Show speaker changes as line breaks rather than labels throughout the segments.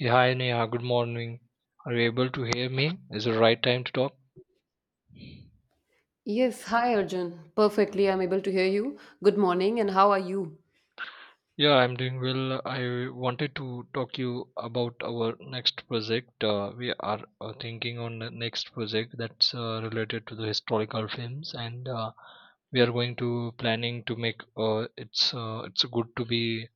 Yeah, hi Neha, good morning. Are you able to hear me? Is it the right time to talk?
Yes, hi Arjun. Perfectly, I'm able to hear you. Good morning, and how are you?
Yeah, I'm doing well. I wanted to talk to you about our next project. We are thinking on the next project that's related to the historical films, and we are going to planning to make it's good to be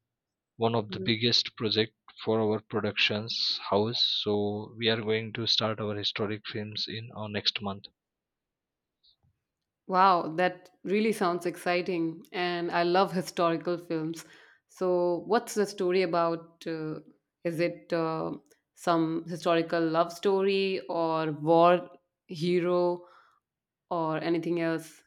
one of the
Mhm.
biggest project for our productions house. So we are going to start our historic films in our next month.
Wow, that really sounds exciting, and I love historical films. So, what's the story about? Is it some historical love story, or war hero, or anything else?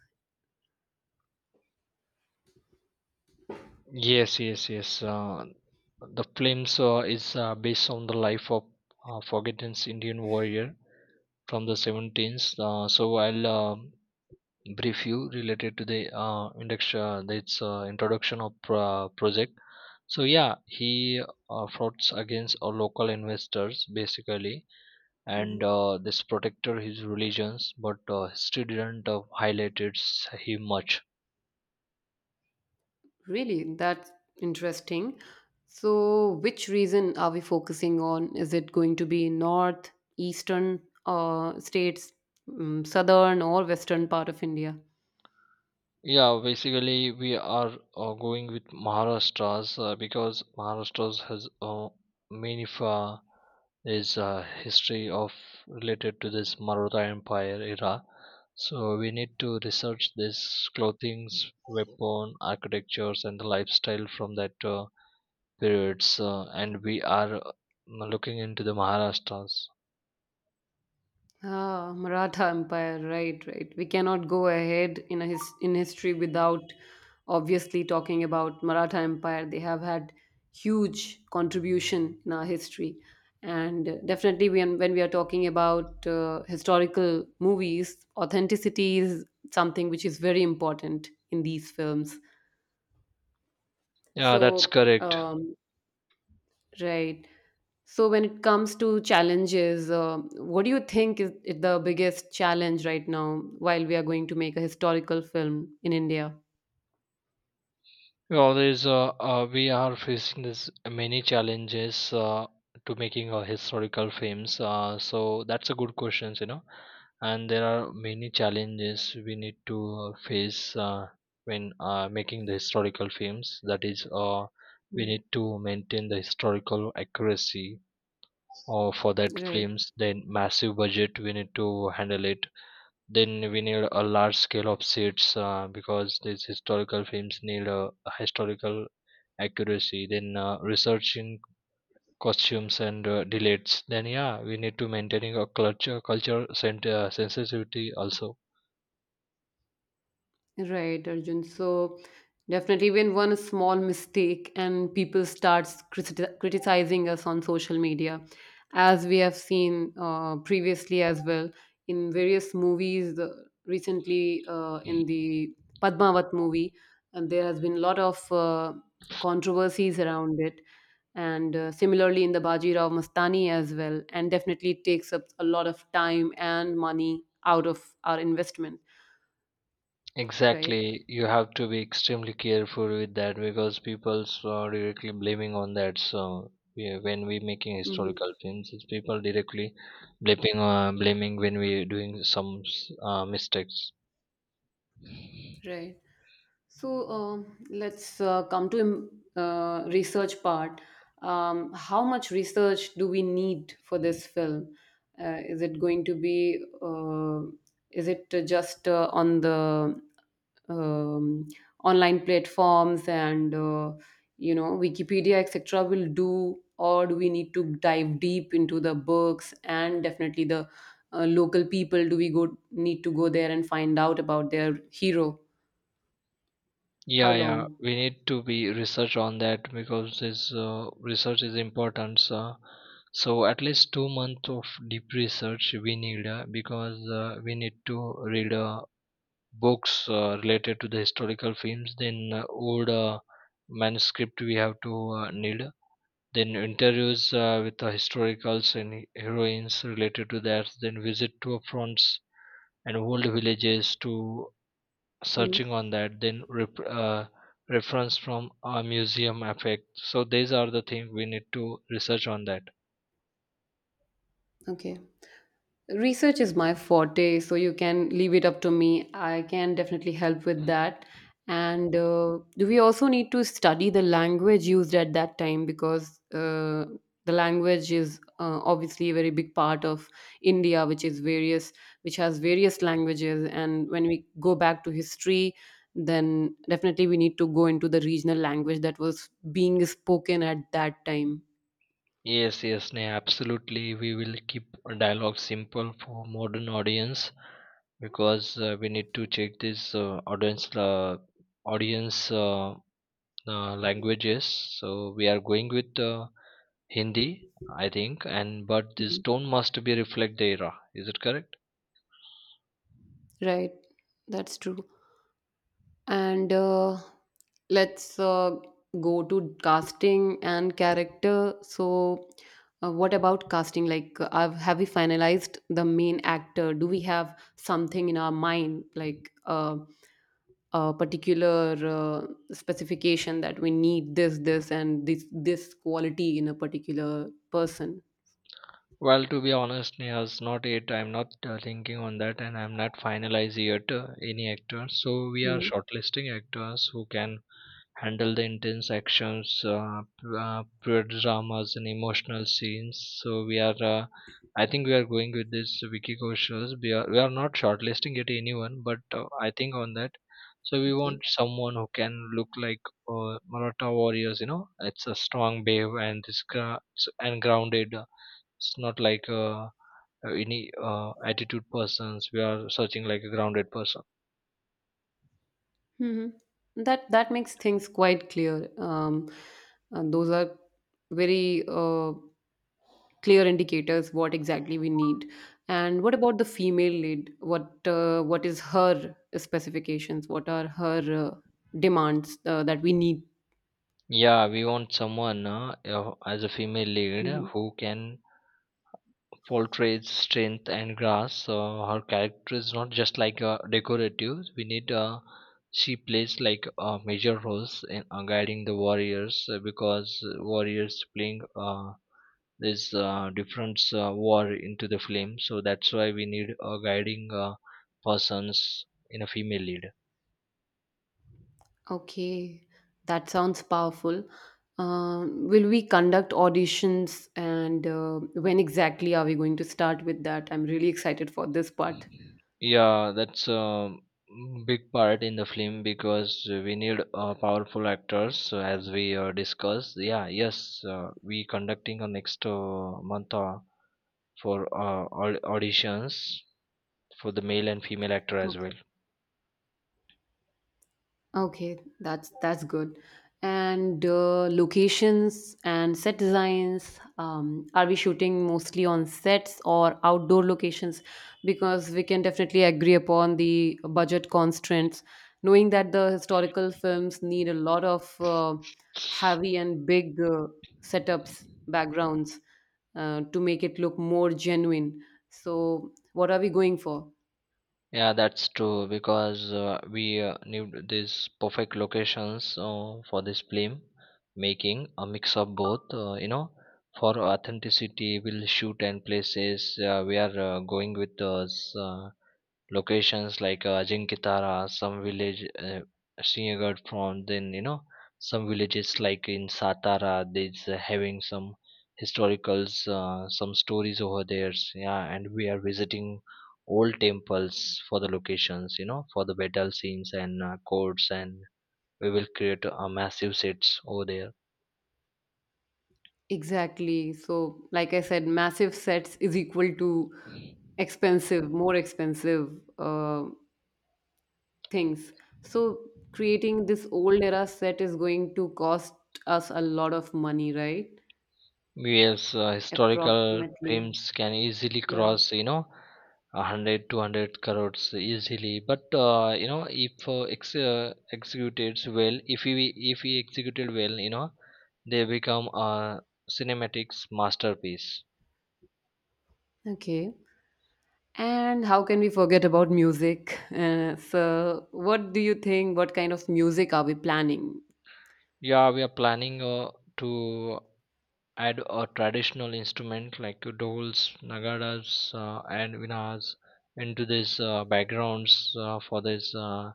Yes, yes, yes. The films is based on the life of forgotten Indian warrior from the 17th. So I'll brief you related to the induction, its introduction of project. So yeah, he frauds against local investors basically, and this protected his religions, but history didn't highlight it him much.
Really, that's interesting. So, which region are we focusing on? Is it going to be north, eastern states, southern, or western part of India?
Yeah, basically we are going with Maharashtra's because Maharashtra's has many fa is history of related to this Maratha Empire era. So we need to research this clothings, weapon, architectures, and the lifestyle from that periods. And we are looking into the Maharashtra's.
Ah, Maratha Empire, right, right. We cannot go ahead in a his in history without obviously talking about Maratha Empire. They have had huge contribution in our history, and definitely when we are talking about historical movies, authenticity is something which is very important in these films.
Yeah, that's
So.
correct.
Um, Right. So when it comes to challenges, what do you think is the biggest challenge right now while we are going to make a historical film in India?
Well, there's we are facing this many challenges to making historical films. So that's a good question. And there are many challenges we need to face when making the historical films. That is, we
Mm.
need to maintain the historical accuracy for that
Right.
films. Then massive budget we need to handle it. Then we need a large scale of sets because these historical films need a historical accuracy. Then researching costumes and delays. Then yeah, we need to maintaining a culture sensitivity also.
Right, Arjun. So definitely, even one small mistake and people starts criticizing us on social media, as we have seen previously as well in various movies recently in the Padmavat movie, and there has been a lot of controversies around it, and similarly in the Baji Rao Mastani as well, and definitely it takes up a lot of time and money out of our investment, right?
Exactly, you have to be extremely careful with that because people are directly blaming on that. So yeah, when we making
Mm-hmm.
historical films, it's people directly blaming when we doing some mistakes.
Right. So let's come to research part. How much research do we need for this film? Is it going to be? Is it just on the um, online platforms and you know Wikipedia etc. will do, or do we need to dive deep into the books and definitely the local people? Do we go need to go there and find out about their hero? How
Yeah, yeah,
long?
we need to be research on that because this research is important. So, at least 2 months of deep research we need because we need to read books related to the historical films. Then old manuscript we have to need. Then interviews with the historicals and heroines related to that. Then visit to fronts and old villages to
Mm,
searching on that. Then reference from a museum effect. So these are the things we need to research on that.
okay. Research is my forte, so you can leave it up to me. I can definitely help with that. And do we also need to study the language used at that time because the language is obviously a very big part of India, which is various, which has various languages. And when we go back to history, then definitely we need to go into the regional language that was being spoken at that time.
Yes, yes, Neha, absolutely, we will keep a dialogue simple for modern audience because we need to check this audience languages. So we are going with Hindi, I think, and but this
Mm.
tone must be reflect the era. Is it correct?
Right, that's true. And let's go to casting and character. So, what about casting? Like, have we finalized the main actor? Do we have something in our mind, like a particular specification that we need this, this, and this quality in a particular person?
Well, to be honest, Neha's not yet. I'm not thinking on that, and I'm not finalizing yet any actor. So we are
Mhm.
shortlisting actors who can handle the intense actions, pure dramas, and emotional scenes. So we are, uh, I think we are going with this Vicky Kaushal. We are not shortlisting it anyone, but I think on that. So we want
Okay.
someone who can look like Maratha warriors. You know, it's a strong babe and this and grounded. It's not like any attitude persons. We are searching like a grounded person.
Hmm. That that makes things quite clear. Those are very. Clear indicators what exactly we need. And what about the female lead? What is her specifications? What are her uh, demands that we need?
Yeah, we want someone as a female lead
Mhm.
who can portray strength and grace. Her character is not just like decorative. We need she plays like major roles in guiding the warriors because warriors playing this different war into the flame. So that's why we need a guiding persons in a female lead.
Okay, that sounds powerful. Will we conduct auditions and when exactly are we going to start with that? I'm really excited for this part.
Yeah, that's a big part in the film because we need powerful actors. So as we discussed, yeah, yes, we conducting a next month for auditions for the male and female actor as well.
Okay. Okay, that's good. And locations and set designs. Are we shooting mostly on sets or outdoor locations? Because we can definitely agree upon the budget constraints, knowing that the historical films need a lot of heavy and big setups, backgrounds to make it look more genuine. So, what are we going for?
Yeah, that's true because we need these perfect locations for this film, making a mix of both. For authenticity, we'll shoot and places we are going with us. Locations like Ajinkya, some village Sinhagad from then some villages like in Satara they's having some historicals some stories over there. Yeah, and we are visiting old temples for the locations, for the battle scenes and courts, and we will create a massive sets over there.
Exactly. So, like I said, massive sets is equal to expensive, more expensive uh, things. So, creating this old era set is going to cost us a lot of money, right?
Yes, historical
Approximately.
films can easily
Yeah.
cross, 100 200 crores easily. But if executed well, if we executed well, they become a cinematics masterpiece.
Okay. And how can we forget about music? So, what do you think? What kind of music are we planning?
Yeah, we are planning to add a traditional instrument like doles, nagaras, and vinas into this backgrounds for this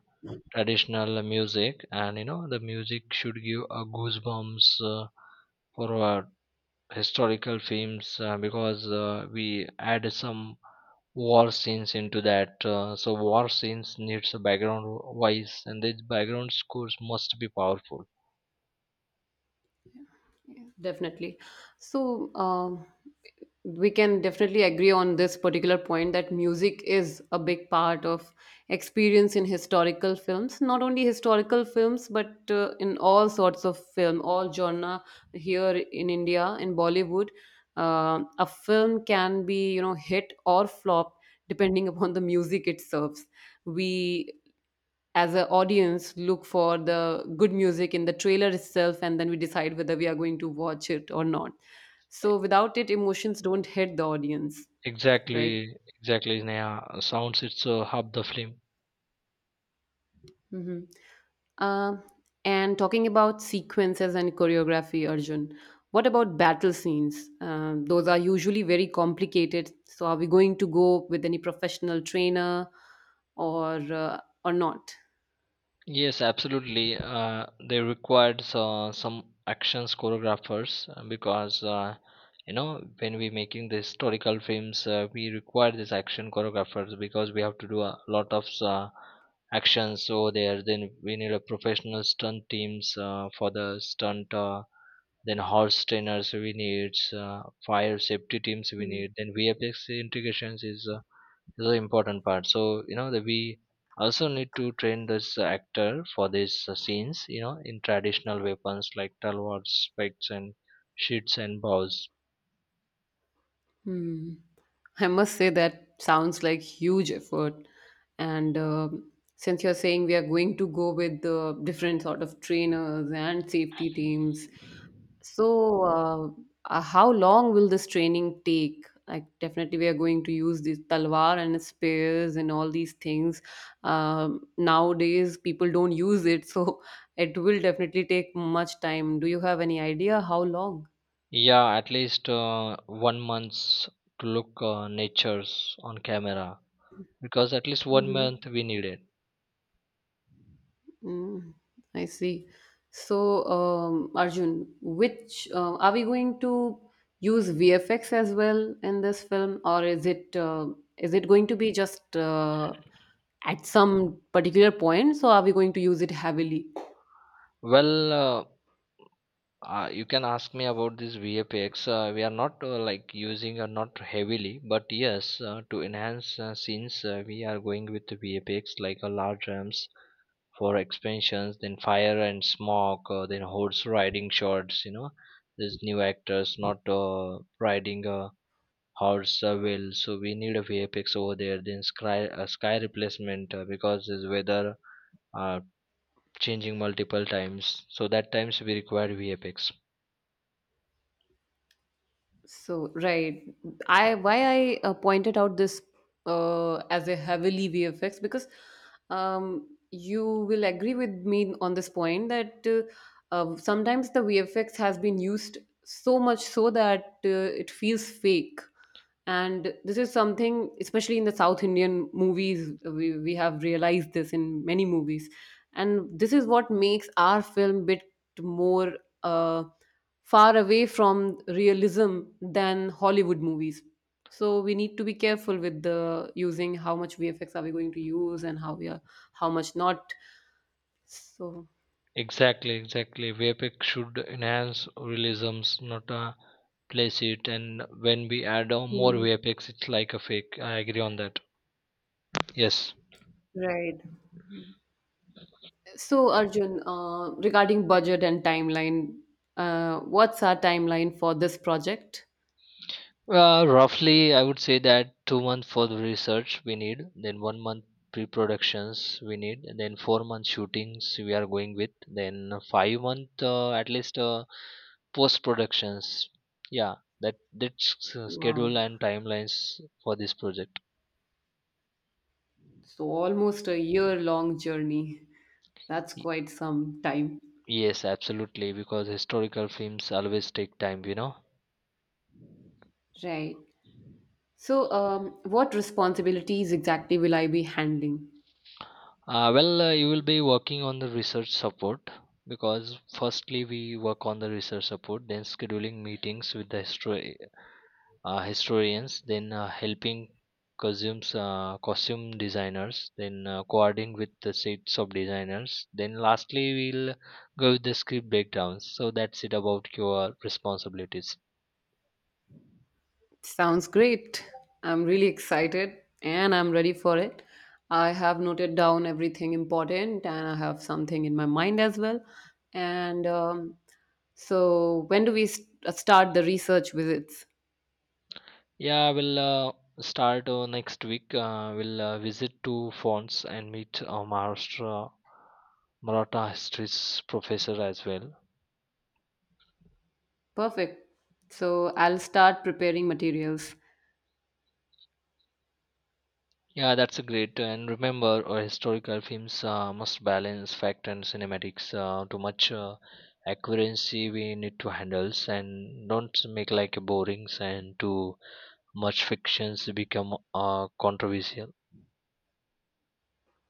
traditional music. And the music should give a goosebumps for our historical films because we add some war scenes into that. So war scenes needs a background voice, and these background scores must be powerful.
Yeah. Definitely. So, we can definitely agree on this particular point that music is a big part of experience in historical films. Not only historical films, but in all sorts of film, all genre here in India, in Bollywood, a film can be you know hit or flop depending upon the music it serves. We as an audience look for the good music in the trailer itself, and then we decide whether we are going to watch it or not, so without it emotions don't hit the audience, right?
Exactly, exactly, Sneha. Sounds it's half the film.
Hmm. um, and talking about sequences and choreography, Arjun, what about battle scenes? Those are usually very complicated, so are we going to go with any professional trainer, or uh, or not?
Yes, absolutely. They required so, some actions choreographers because when we making the historical films, we require these action choreographers because we have to do a lot of actions over there. Then we need a professional stunt teams for the stunt. Then horse trainers we need, fire safety teams we need. Then VFX integrations is this is the important part. So you know that we also need to train this actor for these scenes. In traditional weapons like talwards, spikes, and sheets and bows.
Hmm. I must say that sounds like huge effort. And since you're saying we are going to go with the different sort of trainers and safety teams, so how long will this training take? Like definitely we are going to use this talwar and spears and all these things. Nowadays people don't use it, so it will definitely take much time. Do you have any idea how long?
Yeah, at least 1 month's to look natures on camera because at least one
Mm-hmm.
month we need it.
Mm, I see. So, Arjun, which are we going to use VFX as well in this film, or is it going to be just at some particular points, or are we going to use it heavily?
Well, you can ask me about this VFX. We are not like using or not heavily, but yes, to enhance scenes, we are going with the VFX like a large ramps for expansions, then fire and smoke, then horse riding shots. You know, these new actors not riding a horse well. So we need a VFX over there. Then sky replacement because this weather uh, changing multiple times. So that times we require VFX.
So, right. I why I pointed out this as a heavily VFX, because you will agree with me on this point that sometimes the VFX has been used so much so that it feels fake. And this is something, especially in the South Indian movies, we have realized this in many movies. And this is what makes our film bit more uh, far away from realism than Hollywood movies. So we need to be careful with the using how much VFX are we going to use and how we are how much not. So
Exactly, exactly. VFX should enhance realisms, not place it. And when we add more
hmm,
VFX, it's like a fake. I agree on that. Yes.
right. So, Arjun, regarding budget and timeline, what's our timeline for this project?
Roughly, I would say that 2 months for the research we need, then 1 month pre-productions we need, and then 4 month shootings we are going with, then 5 month at least post-productions. Yeah, that's
Wow.
schedule and timelines for this project.
So, almost a year long journey. That's
Y-
quite some time.
Yes, absolutely, because historical films always take time.
Right. So, what responsibilities exactly will I be handling?
Well, you will be working on the research support because firstly we work on the research support, then scheduling meetings with the historians, then helping costumes, costume designers, then coordinating with the sets of designers. Then lastly we'll go with the script breakdowns. So that's it about your responsibilities.
Sounds great. I'm really excited and I'm ready for it. I have noted down everything important, and I have something in my mind as well. And so, when do we start the research visits?
Yeah, we'll start next week. We'll visit two fonts and meet a Maharashtra Maratha history professor as well.
Perfect. So, I'll start preparing materials.
Yeah, that's a great. And remember, historical films must balance fact and cinematics. Too much accuracy we need to handle, and don't make like a borings and too much fictions become controversial.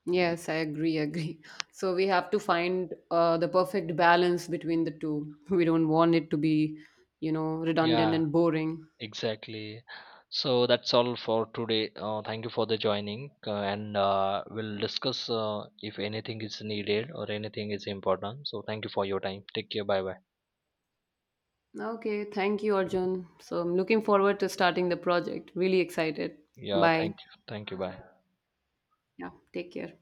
Yes, I agree, agree. So, we have to find the perfect balance between the two. We don't want it to be, you know, redundant
Yeah,
and boring.
exactly. So that's all for today. Thank you for the joining, and we'll discuss if anything is needed or anything is important. So thank you for your time. Take care. Bye bye.
Okay, thank you, Arjun. So I'm looking forward to starting the project. Really excited.
Yeah.
Bye.
Thank you. Thank you. Bye.
Yeah, take care.